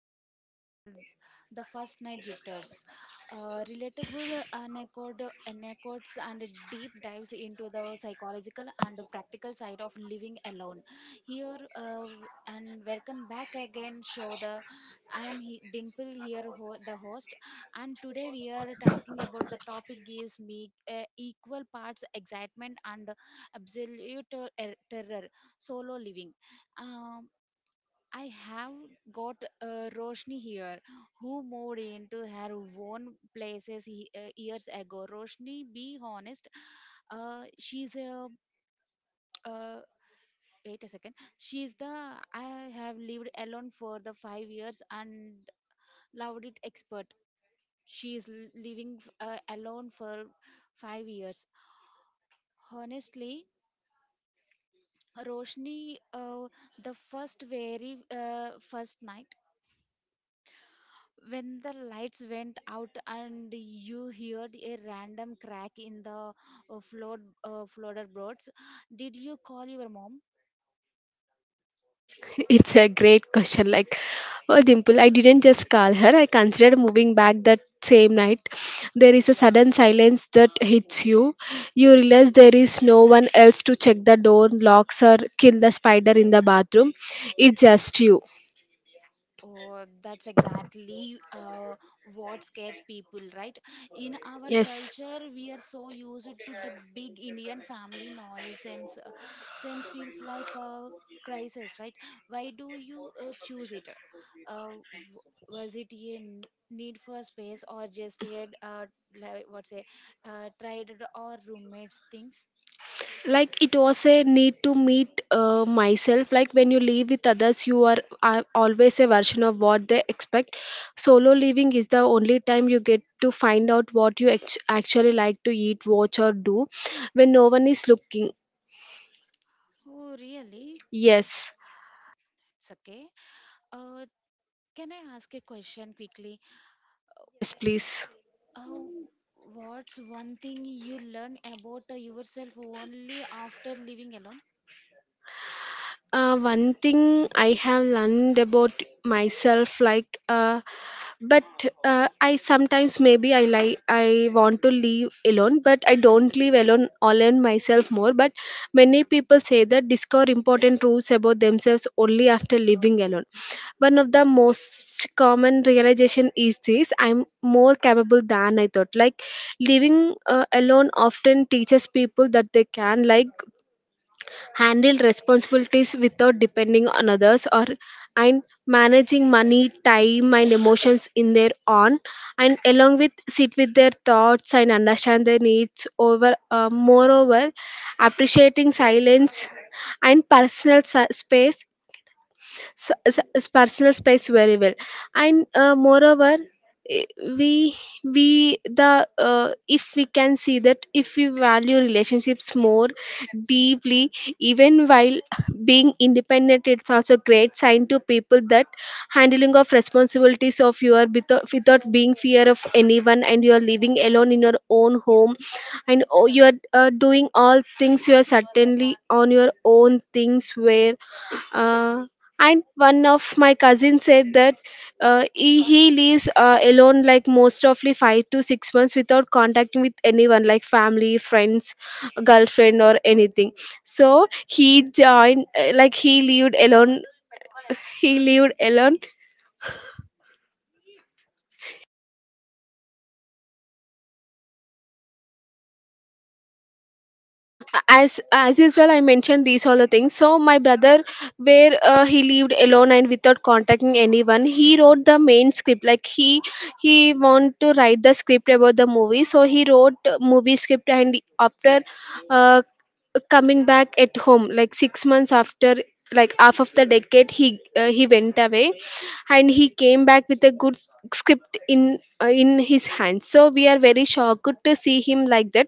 podcast channel, The First Night Jitters. Relatable anecdotes and deep dives into the psychological and the practical side of living alone. Here and welcome back again. Show the I am he, Dimple here, the host, and today we are talking about the topic gives me equal parts excitement and absolute terror. Solo living. Um, I have got Roshni here, who moved into her own places years ago. Roshni, be honest, she's a uh, wait a second. She's the I have lived alone for the 5 years and loved it expert. She's living alone for 5 years. Honestly, Roshni, the first night when the lights went out and you heard a random crack in the flooded, did you call your mom? It's a great question. Like, oh, Dimple, I didn't just call her. I considered moving back that same night. There is a sudden silence that hits you. You realize there is no one else to check the door locks or kill the spider in the bathroom. It's just you. Oh, that's exactly what scares people, right? In our Yes. culture, we are so used to the big Indian family noise, and sense feels like a crisis, right? Why do you choose it? Uh, was it a need for space, or just a like, what's a tried or roommates things? Like, it was a need to meet myself. Like, when you live with others, you are always a version of what they expect. Solo living is the only time you get to find out what you actually like to eat, watch, or do when no one is looking. Oh, really? Yes. It's okay. Uh, can I ask a question quickly? Yes, please. Oh, what's one thing you learn about yourself only after living alone? One thing I have learned about myself, like, but I sometimes maybe I like I want to leave alone, but I don't leave alone alone myself more. But many people say that discover important truths about themselves only after living alone. One of the most common realization is this: I'm more capable than I thought. Like, living alone often teaches people that they can, like, handle responsibilities without depending on others, or and managing money, time, and emotions in their own, and along with sit with their thoughts and understand their needs over. Moreover, appreciating silence and personal space, personal space very well. And moreover, eh, we we the if we can see that, if we value relationships more deeply, even while being independent, it's also a great sign to people that handling of responsibilities of your without being fear of anyone, and you are living alone in your own home, and you are doing all things you are certainly on your own things where. uh, and one of my cousins said that, he lives alone, like most of the 5 to 6 months without contacting with anyone, like family, friends, girlfriend, or anything. So he joined, like, he lived alone as usual. I mentioned these all the things, so my brother, where he lived alone and without contacting anyone, he wrote the main script. Like, he want to write the script about the movie, so he wrote movie script. And after uh, coming back at home like 6 months after, like half of the decade, he went away, and he came back with a good script in his hand. So we are very shocked to see him like that.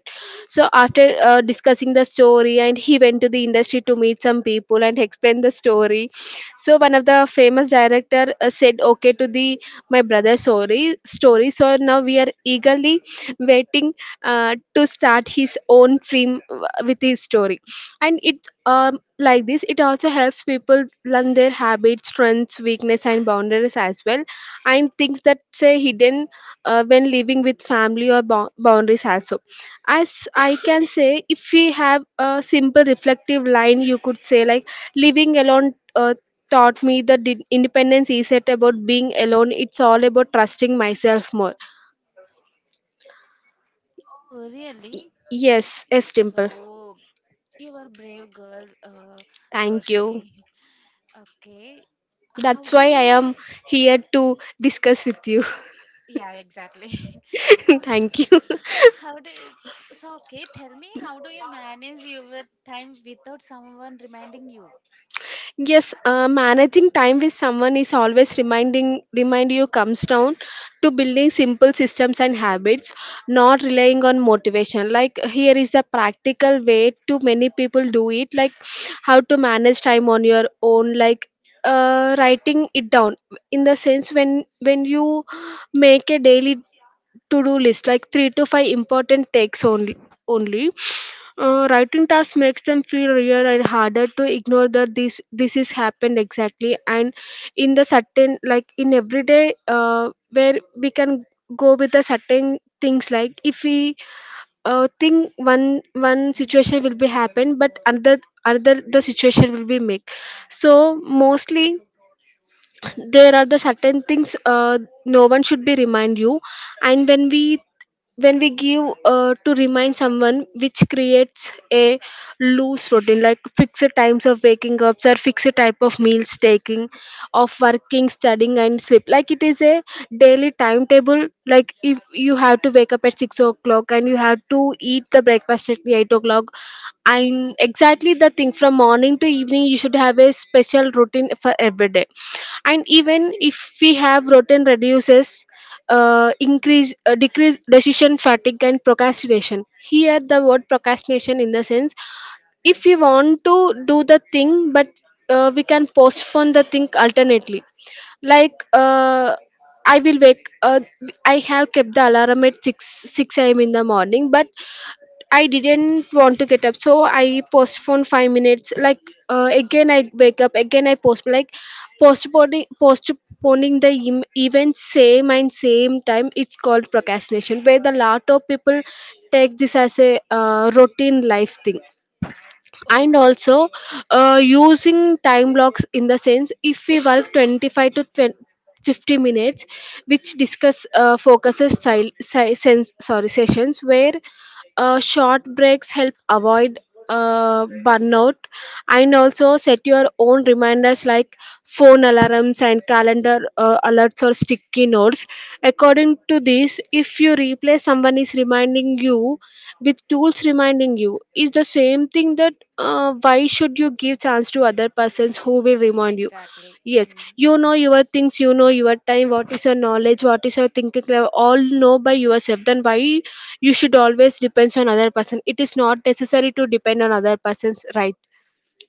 So after discussing the story, and he went to the industry to meet some people and explain the story. So one of the famous director said okay to the my brother's story. So now we are eagerly waiting to start his own film with his story. And it, like this, it also helps people learn their habits, strengths, weakness, and boundaries as well, and things that say hidden when living with family or boundaries also. As I can say, if we have a simple reflective line, you could say, like, living alone taught me that independence isn't about being alone. It's all about trusting myself more. Oh, really? Yes. Yes, It's Dimple. so you are brave girl, Thank you. Roshni. Okay, how That's do why I you? am here to discuss with you. Yeah, exactly. Oh, Thank you. How do so? Okay, tell me, how do you manage your time without someone reminding you? Yes, managing time with someone is always remind you comes down to building simple systems and habits, not relying on motivation. Like, here is a practical way to many people do it, like how to manage time on your own, like writing it down. In the sense, when you make a daily to-do list, like three to five important takes only. Only writing tasks makes them feel real and harder to ignore, that this is happened, exactly. And in the certain, like in everyday, where we can go with the certain things, like if we think one situation will be happen, but another the situation will be make. So mostly there are the certain things, no one should be remind you, and when we give to remind someone, which creates a loose routine, like fixed times of waking up or fixed type of meals taking of working, studying, and sleep. Like, it is a daily timetable. Like, if you have to wake up at 6 o'clock and you have to eat the breakfast at 8 o'clock, and exactly the thing from morning to evening, you should have a special routine for every day. And even if we have routine reduces, increase decrease decision fatigue and procrastination. Here the word procrastination, in the sense, if we want to do the thing, but we can postpone the thing alternately. Like, I will wake I have kept the alarm at 6, 6 a.m. in the morning, but I didn't want to get up, so I postponed 5 minutes. Like, again, I wake up again. I post, like, postponing the event same and same time. It's called procrastination, where the lot of people take this as a routine life thing. And Oh, also, using time blocks. In the sense, if we work 25 to twenty-fifty minutes which discuss, focuses sil- si- sense, sorry sessions, where short breaks help avoid burnout. And also set your own reminders, like phone alarms and calendar alerts, or sticky notes. According to this, if you replace someone is reminding you with tools reminding you, is the same thing. That why should you give chance to other persons who will remind you? exactly. Yes, Mm, you know your things, you know your time, what is your knowledge, what is your thinking level, all know by yourself. Then why you should always depends on other person? It is not necessary to depend on other persons, right?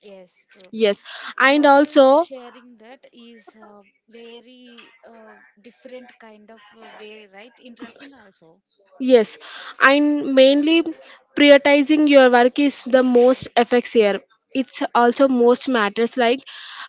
yes, true. Yes. And What you are also. sharing that is a very different kind of way, right? Interesting also. Yes, and mainly prioritizing your work is the most affects here. It's also most matters. Like,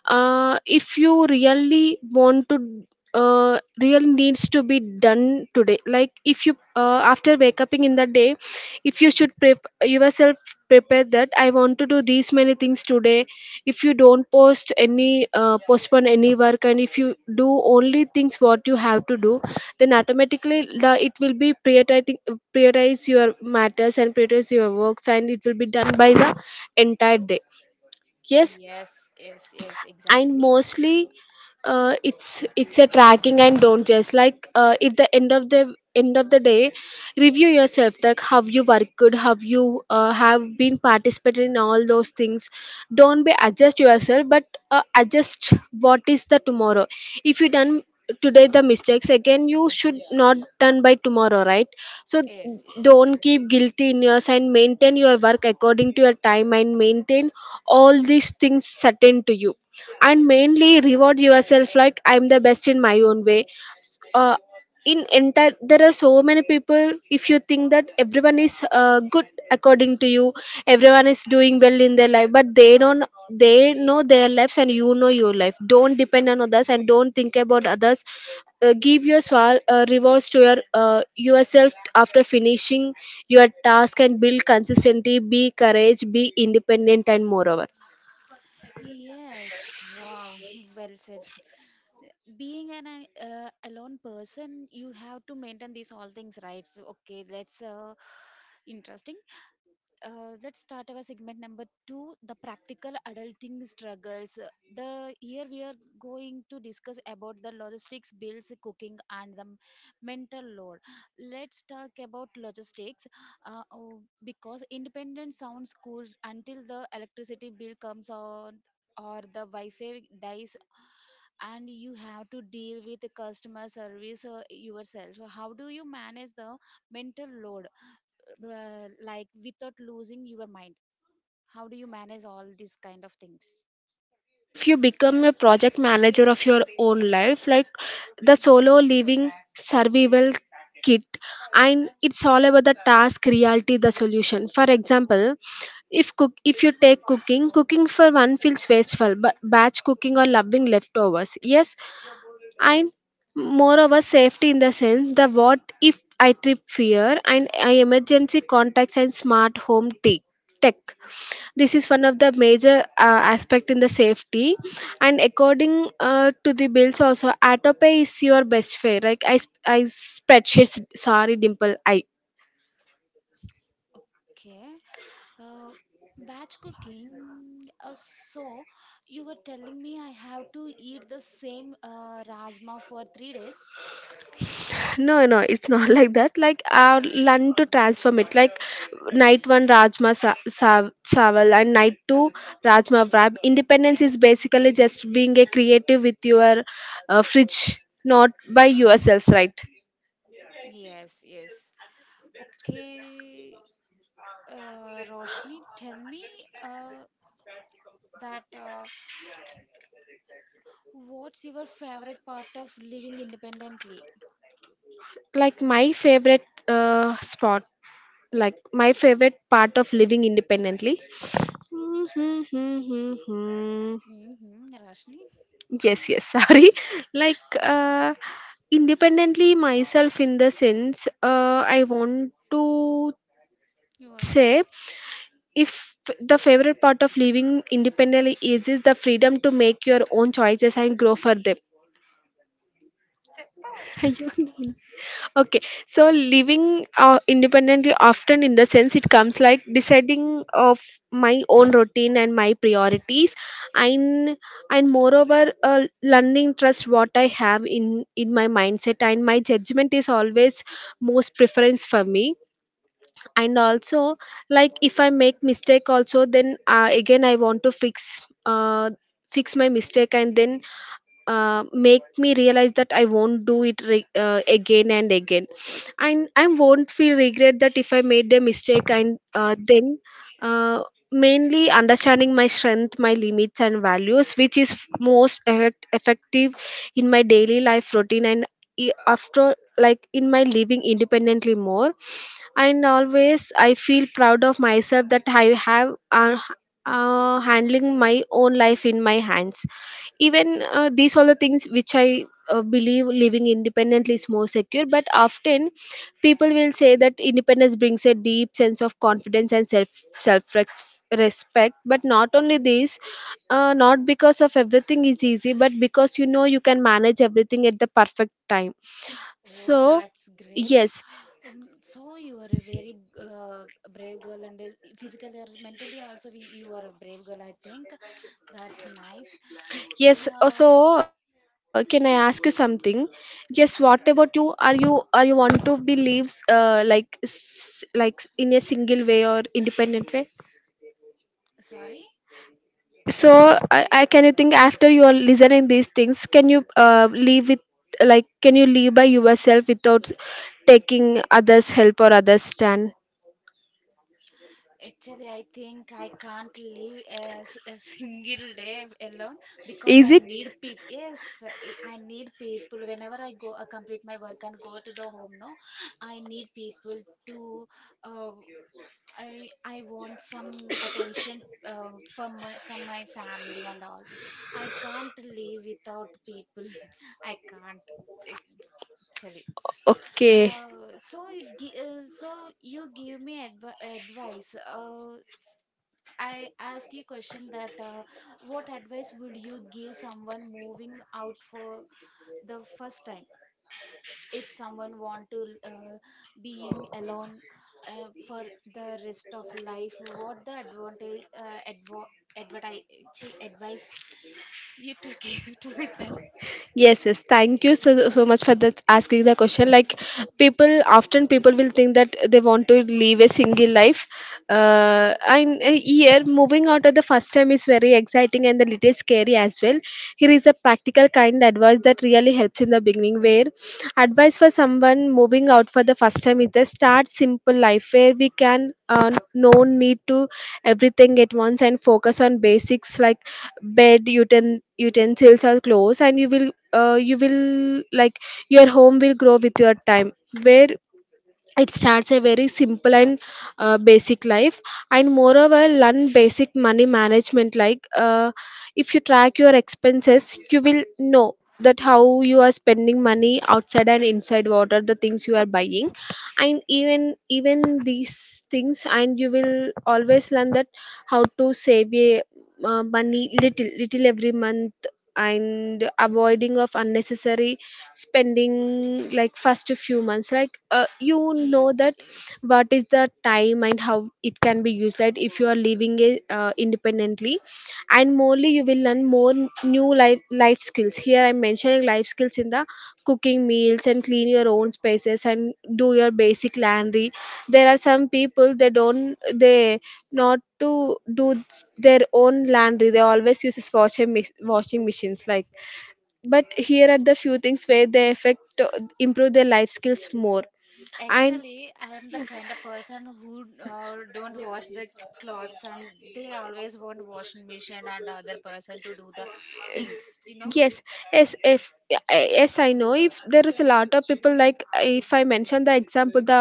if you really want to, real needs to be done today. Like, if you after wake up in the day, if you should prep yourself prepared that I want to do these many things today. If you don't post any postpone any work, and if you do only things what you have to do, then automatically the it will be prioritizing prioritize your matters and prioritize your works, and it will be done by the entire day. Yes. Yes, yes, yes, And exactly. mostly, it's a tracking. And don't just like, at the end of the day, review yourself. Like, how you worked, how you have been participated in all those things. Don't be adjust yourself, but adjust what is the tomorrow. If you done today the mistakes, again you should not done by tomorrow, right? So Yes, yes. don't keep guilty in yours, and maintain your work according to your time, and maintain all these things certain to you. And mainly, reward yourself, like, I'm the best in my own way. S- uh, in entire, there are so many people. If you think that everyone is good according to you, everyone is doing well in their life, but they don't. They know their lives, and you know your life. Don't depend on others, and don't think about others. Give your rewards to your yourself after finishing your task, and build consistency, be courage, be independent. And moreover, Yes, wow, well said. Being an alone person, you have to maintain these all things, right? So, okay, that's interesting. Let's start our segment number two, the practical adulting struggles. The here we are going to discuss about the logistics, bills, cooking, and the mental load. Let's talk about logistics. Oh, because independence sounds cool until the electricity bill comes on or the wi-fi dies, and you have to deal with the customer service yourself. So how do you manage the mental load, like without losing your mind? How do you manage all these kind of things? if you become a project manager of your own life. Like, the solo living survival kit. And it's all about the task reality, the solution. For example, if cook if you take cooking for one feels wasteful, but batch cooking or loving leftovers. Yes. I'm Yes. more of a safety. In the sense, the what if I trip fear and I emergency contacts and smart home tech. This is one of the major aspect in the safety, and according to the bills also, autopay is your best friend. Like, I spreadsheets. Sorry, Dimple. I Okay, uh, batch cooking. So you were telling me I have to eat the same rajma for 3 days. No, no, it's not like that. Like, I learn to transform it. Like, night one Rajma Sawal, and night two Rajma Vrab. Independence is basically just being a creative with your fridge, not by yourselves, right? Yes, yes. Okay, Roshni, tell me uh, that what's your favorite part of living independently? Like, my favorite spot, like, my favorite part of living independently. Mm-hmm. Rashni, Yes, yes, sorry. Like, independently myself, in the sense, I want to you want to? say if the favorite part of living independently is the freedom to make your own choices and grow for them. Okay, so living independently often, in the sense, it comes like deciding of my own routine and my priorities, and and moreover, learning trust what I have in my mindset, and my judgment is always most preference for me. And also, like if I make mistake, also then again I want to fix fix my mistake and then make me realize that I won't do it again and again, and I won't feel regret that if I made a mistake. And then, uh, mainly understanding my strength, my limits, and values, which is most effective in my daily life routine and after like in my living independently more. And always I feel proud of myself that I have handling my own life in my hands, even these are the things which I believe living independently is more secure. But often people will say that independence brings a deep sense of confidence and self respect, but not only this, not because of everything is easy, but because you know you can manage everything at the perfect time. Oh, So that's great. yes. So you are a very uh, brave girl, and physically or mentally also you are a brave girl. I think that's nice. Yes. Uh, So, can I ask you something? Yes. What about you? okay, Are you want to be lives like like in a single way or independent way? sorry. So, I can you think after you are listening these things, can you live with, like, can you live by yourself without taking others' help or others' stand? Actually, I think I can't live as a single day alone because Is I I it? need people. Yes, I need people. Whenever I go, I complete my work and go to the home. No, I need people to. Uh, I want some attention from my family and all. I can't live without people. I can't actually. Okay. So, you give me advice. I ask you a question that what advice would you give someone moving out for the first time? If someone want to being alone for the rest of life, what the advantage advo- adverti- chi- advice you to give to them? Yes, yes. Thank you so so much for that asking the question. Like people often people will think that they want to live a single life. And here moving out of the first time is very exciting and a little scary as well. Here is a practical kind advice that really helps in the beginning, where advice for someone moving out for the first time is that start simple life where we can, no need to everything at once and focus on basics like bed, utensils or clothes, and you will, you will like your home will grow with your time, where it starts a very simple and basic life. And moreover, learn basic money management, like if you track your expenses, you will know that how you are spending money outside and inside, what are the things you are buying. And even these things, and you will always learn that how to save a money little little every month, and avoiding of unnecessary spending like first few months, like you know Yes, that yes. what is the time and how it can be used, like if you are living it independently. And morely, you will learn more new life skills. Here I'm mentioning life skills in the cooking meals and clean your own spaces and do your basic laundry. There are some people, they not to do their own laundry, they always use washing machines, like. But here are the few things where they affect, improve their life skills more. And Actually, I am the kind of person who don't wash yes, the clothes, and they always want washing machine and other person to do the things. yes. If y- yes I know, if there is a lot of people, like if I mention the example, the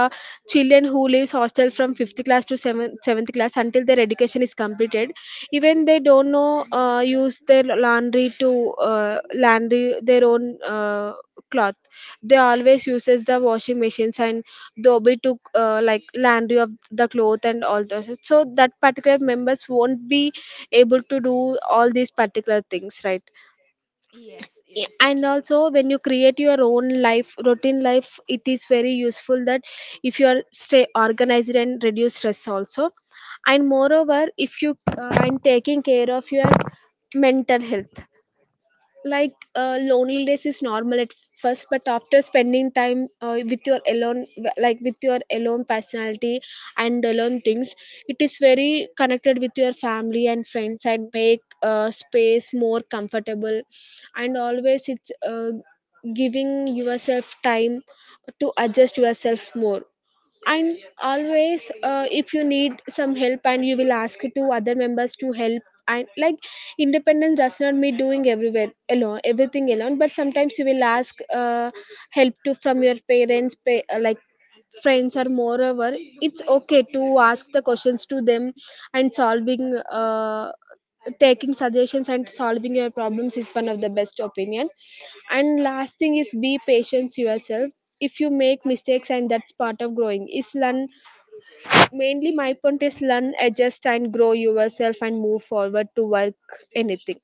children who leaves hostel from 5th class to 7th, 7th class, until they till their education is completed, even they don't know use their laundry to uh, laundry their own cloth. They always uses the washing machines and dobi to Mm. Like laundry of the cloth and all those, so that particular members won't be able to do all these particular things, right? Yes, Yeah, yes, and true. also when you create your own life routine life, it is very useful that if you are stay organized and reduce stress also. And moreover, if you and taking care of your mental health, like loneliness is normal at first, but after spending time with your alone, like with your alone personality and alone things, it is very connected with your family and friends, and make space more comfortable. And always it's giving yourself time to adjust yourself more. And always, if you need some help, and you will ask to other members to help. And like, independence does not mean doing everywhere alone, everything alone, but sometimes you will ask help to from your parents, like friends, or moreover, it's okay to ask the questions to them. And solving, taking suggestions and solving your problems is one of the best opinion. And last thing is be patient yourself. If you make mistakes, and that's part of growing is learn. Mainly my point is learn, adjust, and grow yourself and move forward to work anything.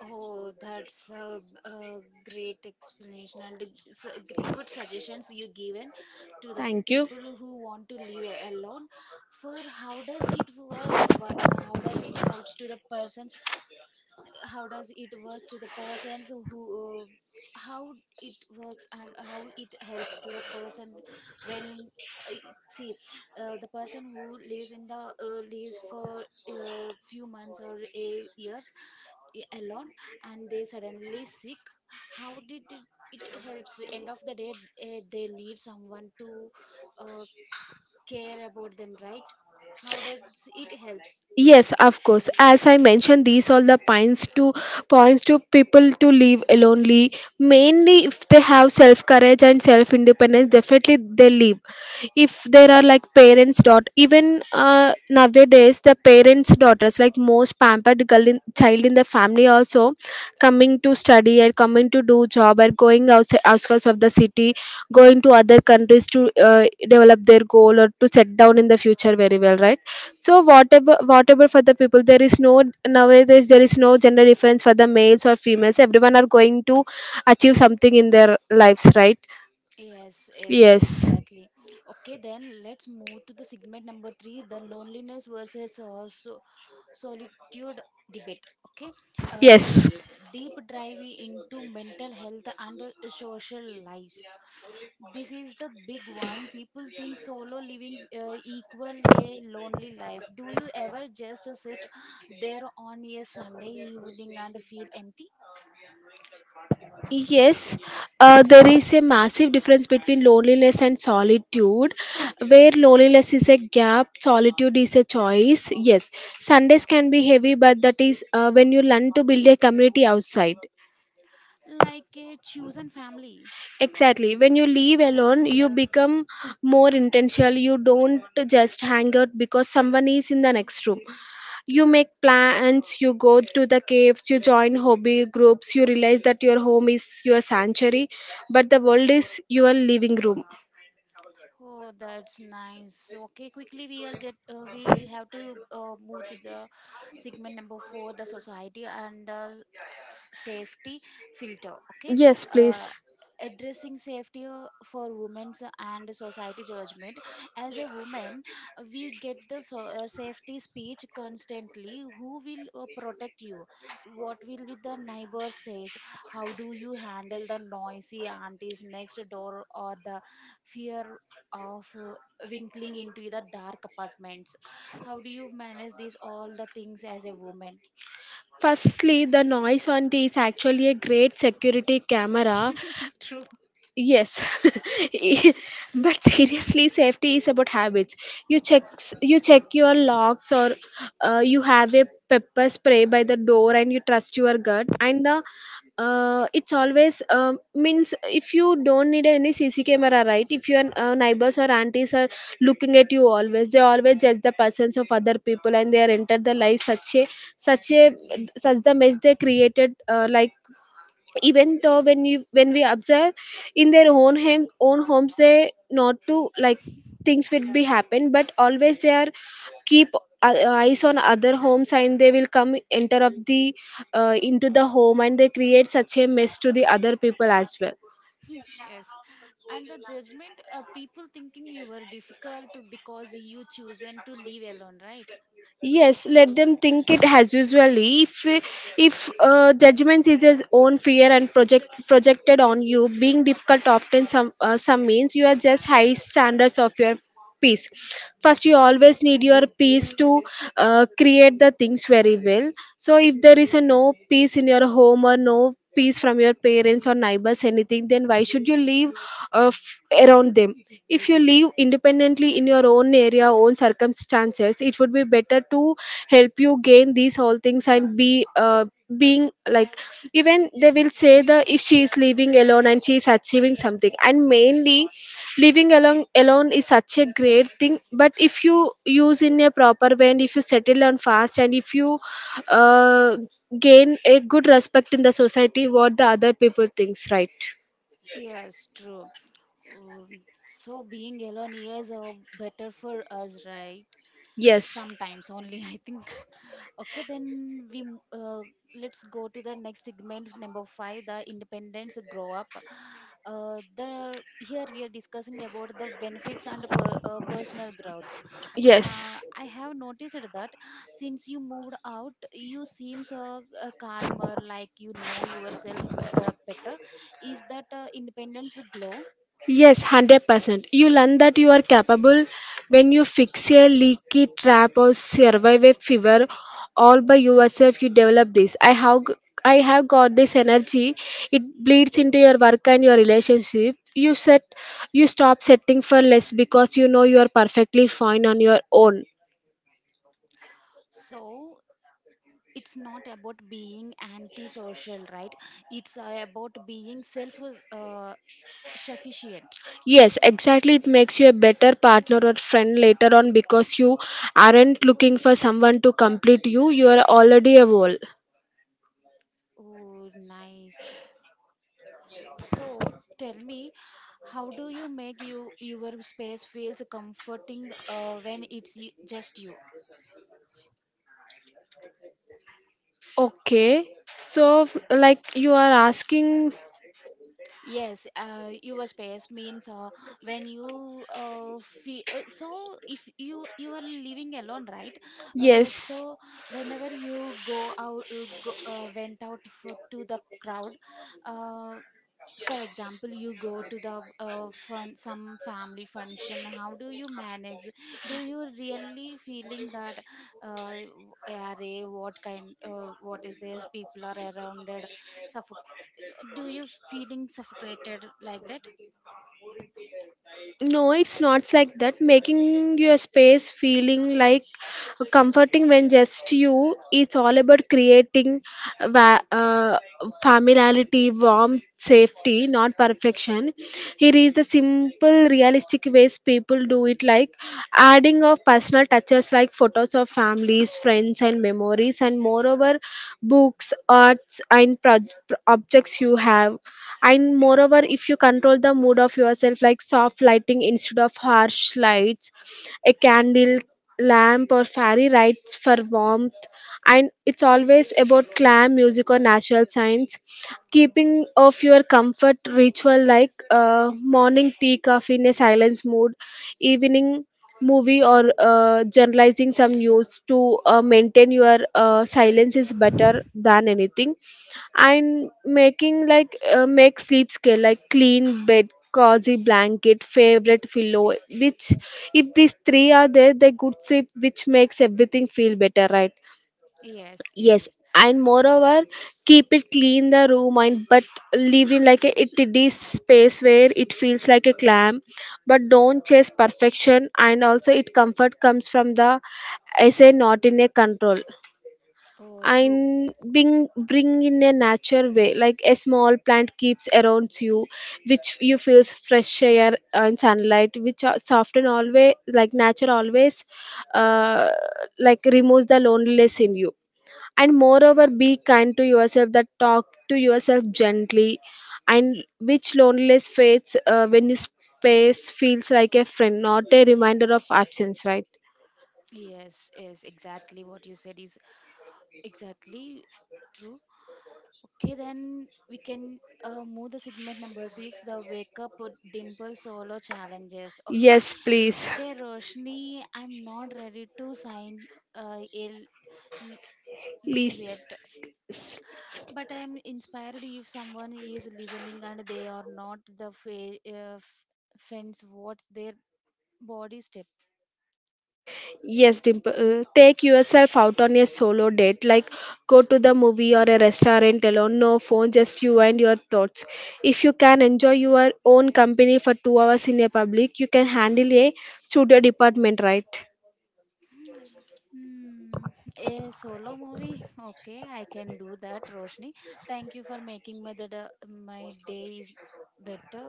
Oh, that's a great explanation and a good suggestions you given to the Thank you. people who want to live alone. For how does it works? How does it helps to the persons? How does it works to the persons who? How it works and how it helps to the person when uh, see the person who lives in the lives for few months or a years alone, and they suddenly sick. How did it helps end of the day? They need someone to uh, care about them, right? How does it helps? Yes, of course. As I mentioned, these all the points to points to people to live alonely. Mainly, if they have self courage and self independence, definitely they live. If there are like parents, dot even nowadays the parents' daughters, like most pampered girl in, child in the family also, coming to study and coming to do job and going outside outskirts of the city, going to other countries to develop their goal or to set down in the future very well, right? So whatever whatever for the people, there is no nowadays, there is no gender difference for the males or females, everyone are going to achieve something in their lives, right? Yes, yes, Yes, exactly. Okay, then let's move to the segment number 3, the loneliness versus solitude debate. Okay, uh, yes. deep dive into mental health and social lives. This is the big one. People think solo living equal a lonely life. Do you ever just sit there on a Sunday evening and feel empty? Yes, there is a massive difference between loneliness and solitude, where loneliness is a gap, solitude is a choice. Yes, Sundays can be heavy, but that is when you learn to build a community outside. Like a chosen family. Exactly. When you leave alone, you become more intentional. You don't just hang out because someone is in the next room. You make plans, you go to the caves, you join hobby groups, you realize that your home is your sanctuary, but the world is your living room. Oh, that's nice. Okay, quickly, we are get we have to move to the segment number 4, the society and safety filter. Okay. Yes, uh, please. Addressing safety for women's and society judgment. As a woman, we get the safety speech constantly. Who will protect you? What will be the neighbor says? How do you handle the noisy aunties next door or the fear of winkling into the dark apartments? How do you manage these all the things as a woman? Firstly, the noise on it is actually a great security camera. True. Yes, but seriously, safety is about habits. You check your locks, or you have a pepper spray by the door, and you trust your gut. And the it's always means if you don't need any CC camera, right? If your neighbors or aunties are looking at you always, they always judge the persons of other people, and they are entered the life such a such the mess they created, like even though when you when we observe in their own home own homes, they not to like things will be happen, but always they are keep eyes on other homes, and they will come enter of the into the home, and they create such a mess to the other people as well. Yes, and the judgment, people thinking you were difficult because you chosen to live alone, right? Yes, let them think it as usually. If judgment is his own fear and projected on you, being difficult often some means you are just high standards of your peace. First, you always need your peace to create the things very well. So, if there is a no peace in your home or no peace from your parents or neighbors anything, then why should you live uh, f- around them? If you live independently in your own area, own circumstances, it would be better to help you gain these all things and be being like, even they will say the if she is living alone and she is achieving something, and mainly living along alone is such a great thing. But if you use in a proper way and if you settle on fast and if you uh, gain a good respect in the society, what the other people thinks, right? Yes, true. Um, so being alone is better for us, right? Yes, Sometimes only, I think. Okay, then let's go to the next segment, number five, the independence grow up. The here we are discussing about the benefits and personal growth. Ha, yes. I have noticed that since you moved out, you seems calmer, like you know yourself better. Is that independence glow? Yes, 100%. You learn that you are capable when you fix a leaky trap or survive a fever all by yourself. You develop this. I have got this energy. It bleeds into your work and your relationship. You stop setting for less because you know you are perfectly fine on your own. So it's not about being antisocial, right? It's about being self uh, sufficient. Yes, exactly. It makes you a better partner or friend later on because you aren't looking for someone to complete you. You are already a whole. Oh, nice. So tell me, how do you make your space feels comforting when it's just you? Okay. So, like you are asking, Yes, your space means when you feel. So if you are living alone, right? So yes. whenever you went out to the crowd. Uh, for example, you go to the fun some family function. How do you manage? Do you really feeling that, uh, w- array? What kind? What is this? People are around it, do you feeling suffocated like that? No, it's not like that. Making your space feeling like comforting when just you, it's all about creating va- uh, familiarity, warmth, safety, not perfection. Here is the simple realistic ways people do it, like adding of personal touches like photos of families, friends, and memories, and moreover books, arts, and objects you have. And moreover, if you control the mood of yourself, like soft lighting instead of harsh lights, a candle lamp or fairy lights for warmth. And it's always about clam music or natural science, keeping of your comfort ritual, like morning tea, coffee in a silence mood, evening movie, or generalizing some news to maintain your silence is better than anything. And making like make sleep scale, like clean bed, cozy blanket, favorite pillow, which if these three are there, they good sleep, which makes everything feel better, right? Yes, Yes. yes. And moreover, keep it clean the room, and but leave in like a itty space where it feels like a clam. But don't chase perfection, and also it comfort comes from the essay, not in a control. Oh, true. And bring in a natural way, like a small plant keeps around you, which you feels fresh air and sunlight, which are soft. And always, like nature always, uh, like removes the loneliness in you. And moreover, be kind to yourself, that talk to yourself gently. And which loneliness fades, when you space feels like a friend, not a reminder of absence, right? Yes, yes, exactly what you said is exactly true. Okay, then we can move the segment number six, the wake up with Dimple solo challenges. Okay. Yes, please, Okay, Roshni, I'm not ready to sign ill lease please. yet. But I am inspired. If someone is listening and they are not the fence, what's their body step? Yes, Dimple. Take yourself out on a solo date, like go to the movie or a restaurant alone, no phone, just you and your thoughts. If you can enjoy your own company for 2 hours in a public, you can handle a studio department, right? Hmm, a solo movie. Okay, I can do that, Roshni. Thank you for making my day is better.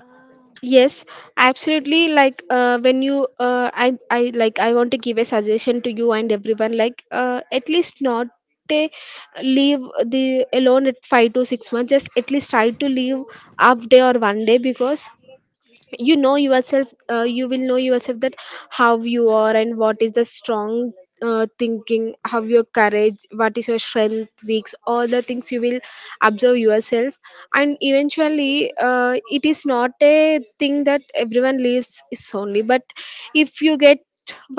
uh, Yes, absolutely. Like I like I want to give a suggestion to you and everyone. Like at least not a leave the alone at 5 to 6 months. Just at least try to leave half day or one day, because you know yourself, you will know yourself, that how you are and what is the strong thinking, how your courage, what is your strength, weaks, all the things you will observe yourself. And eventually it is not a thing that everyone lives is only. But if you get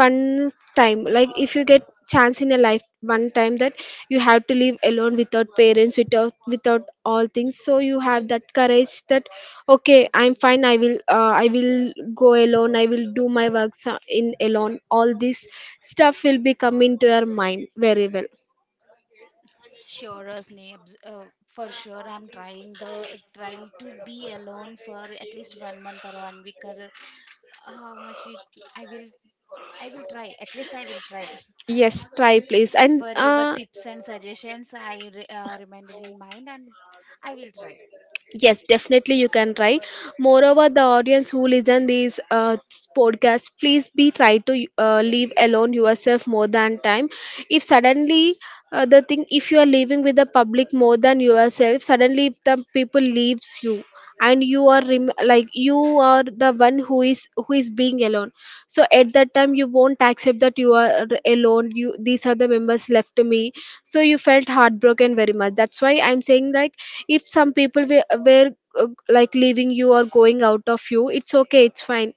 one time, like if you get chance in a life one time, that you have to live alone without parents, without all things. So you have that courage that okay, I'm fine, I will go alone, I will do my works in alone, all this stuff will be come into your mind very well. sure Roshni, for sure, I'm trying to be alone for at least one month or one week or how much i will I will try at least. I will try Yes, try please. And for your tips and suggestions. I reminded in mind, and I will try. yes, definitely you can try. Moreover, the audience who listen these podcasts, please be try to live alone yourself more than time. If suddenly if you are living with the public more than yourself, suddenly if the people leaves you, I and you are like you are the one who is being alone. So at that time, you won't accept that you are alone, you these are the members left to me, so you felt heartbroken very much. That's why I'm saying like, if some people were uh, like leaving you or going out of you, it's okay, it's fine.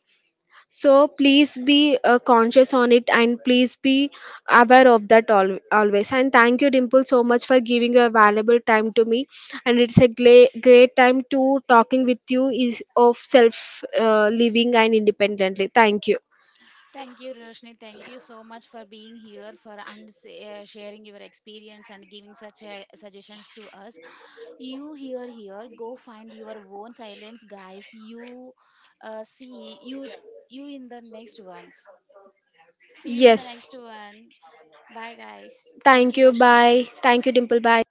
So please be conscious on it, and please be aware of that always. And thank you, Dimple, so much for giving your valuable time to me, and it's a great time to talking with you is of self living and independently. Thank you. Thank you, Roshni. Thank you so much for being here, for and sharing your experience and giving such suggestions to us. You here, here, go find your own silence, guys. You see you in the next ones. See you in the Yes, next one. Bye, guys. Thank thank you, you, Roshni. bye, thank you Dimple, bye.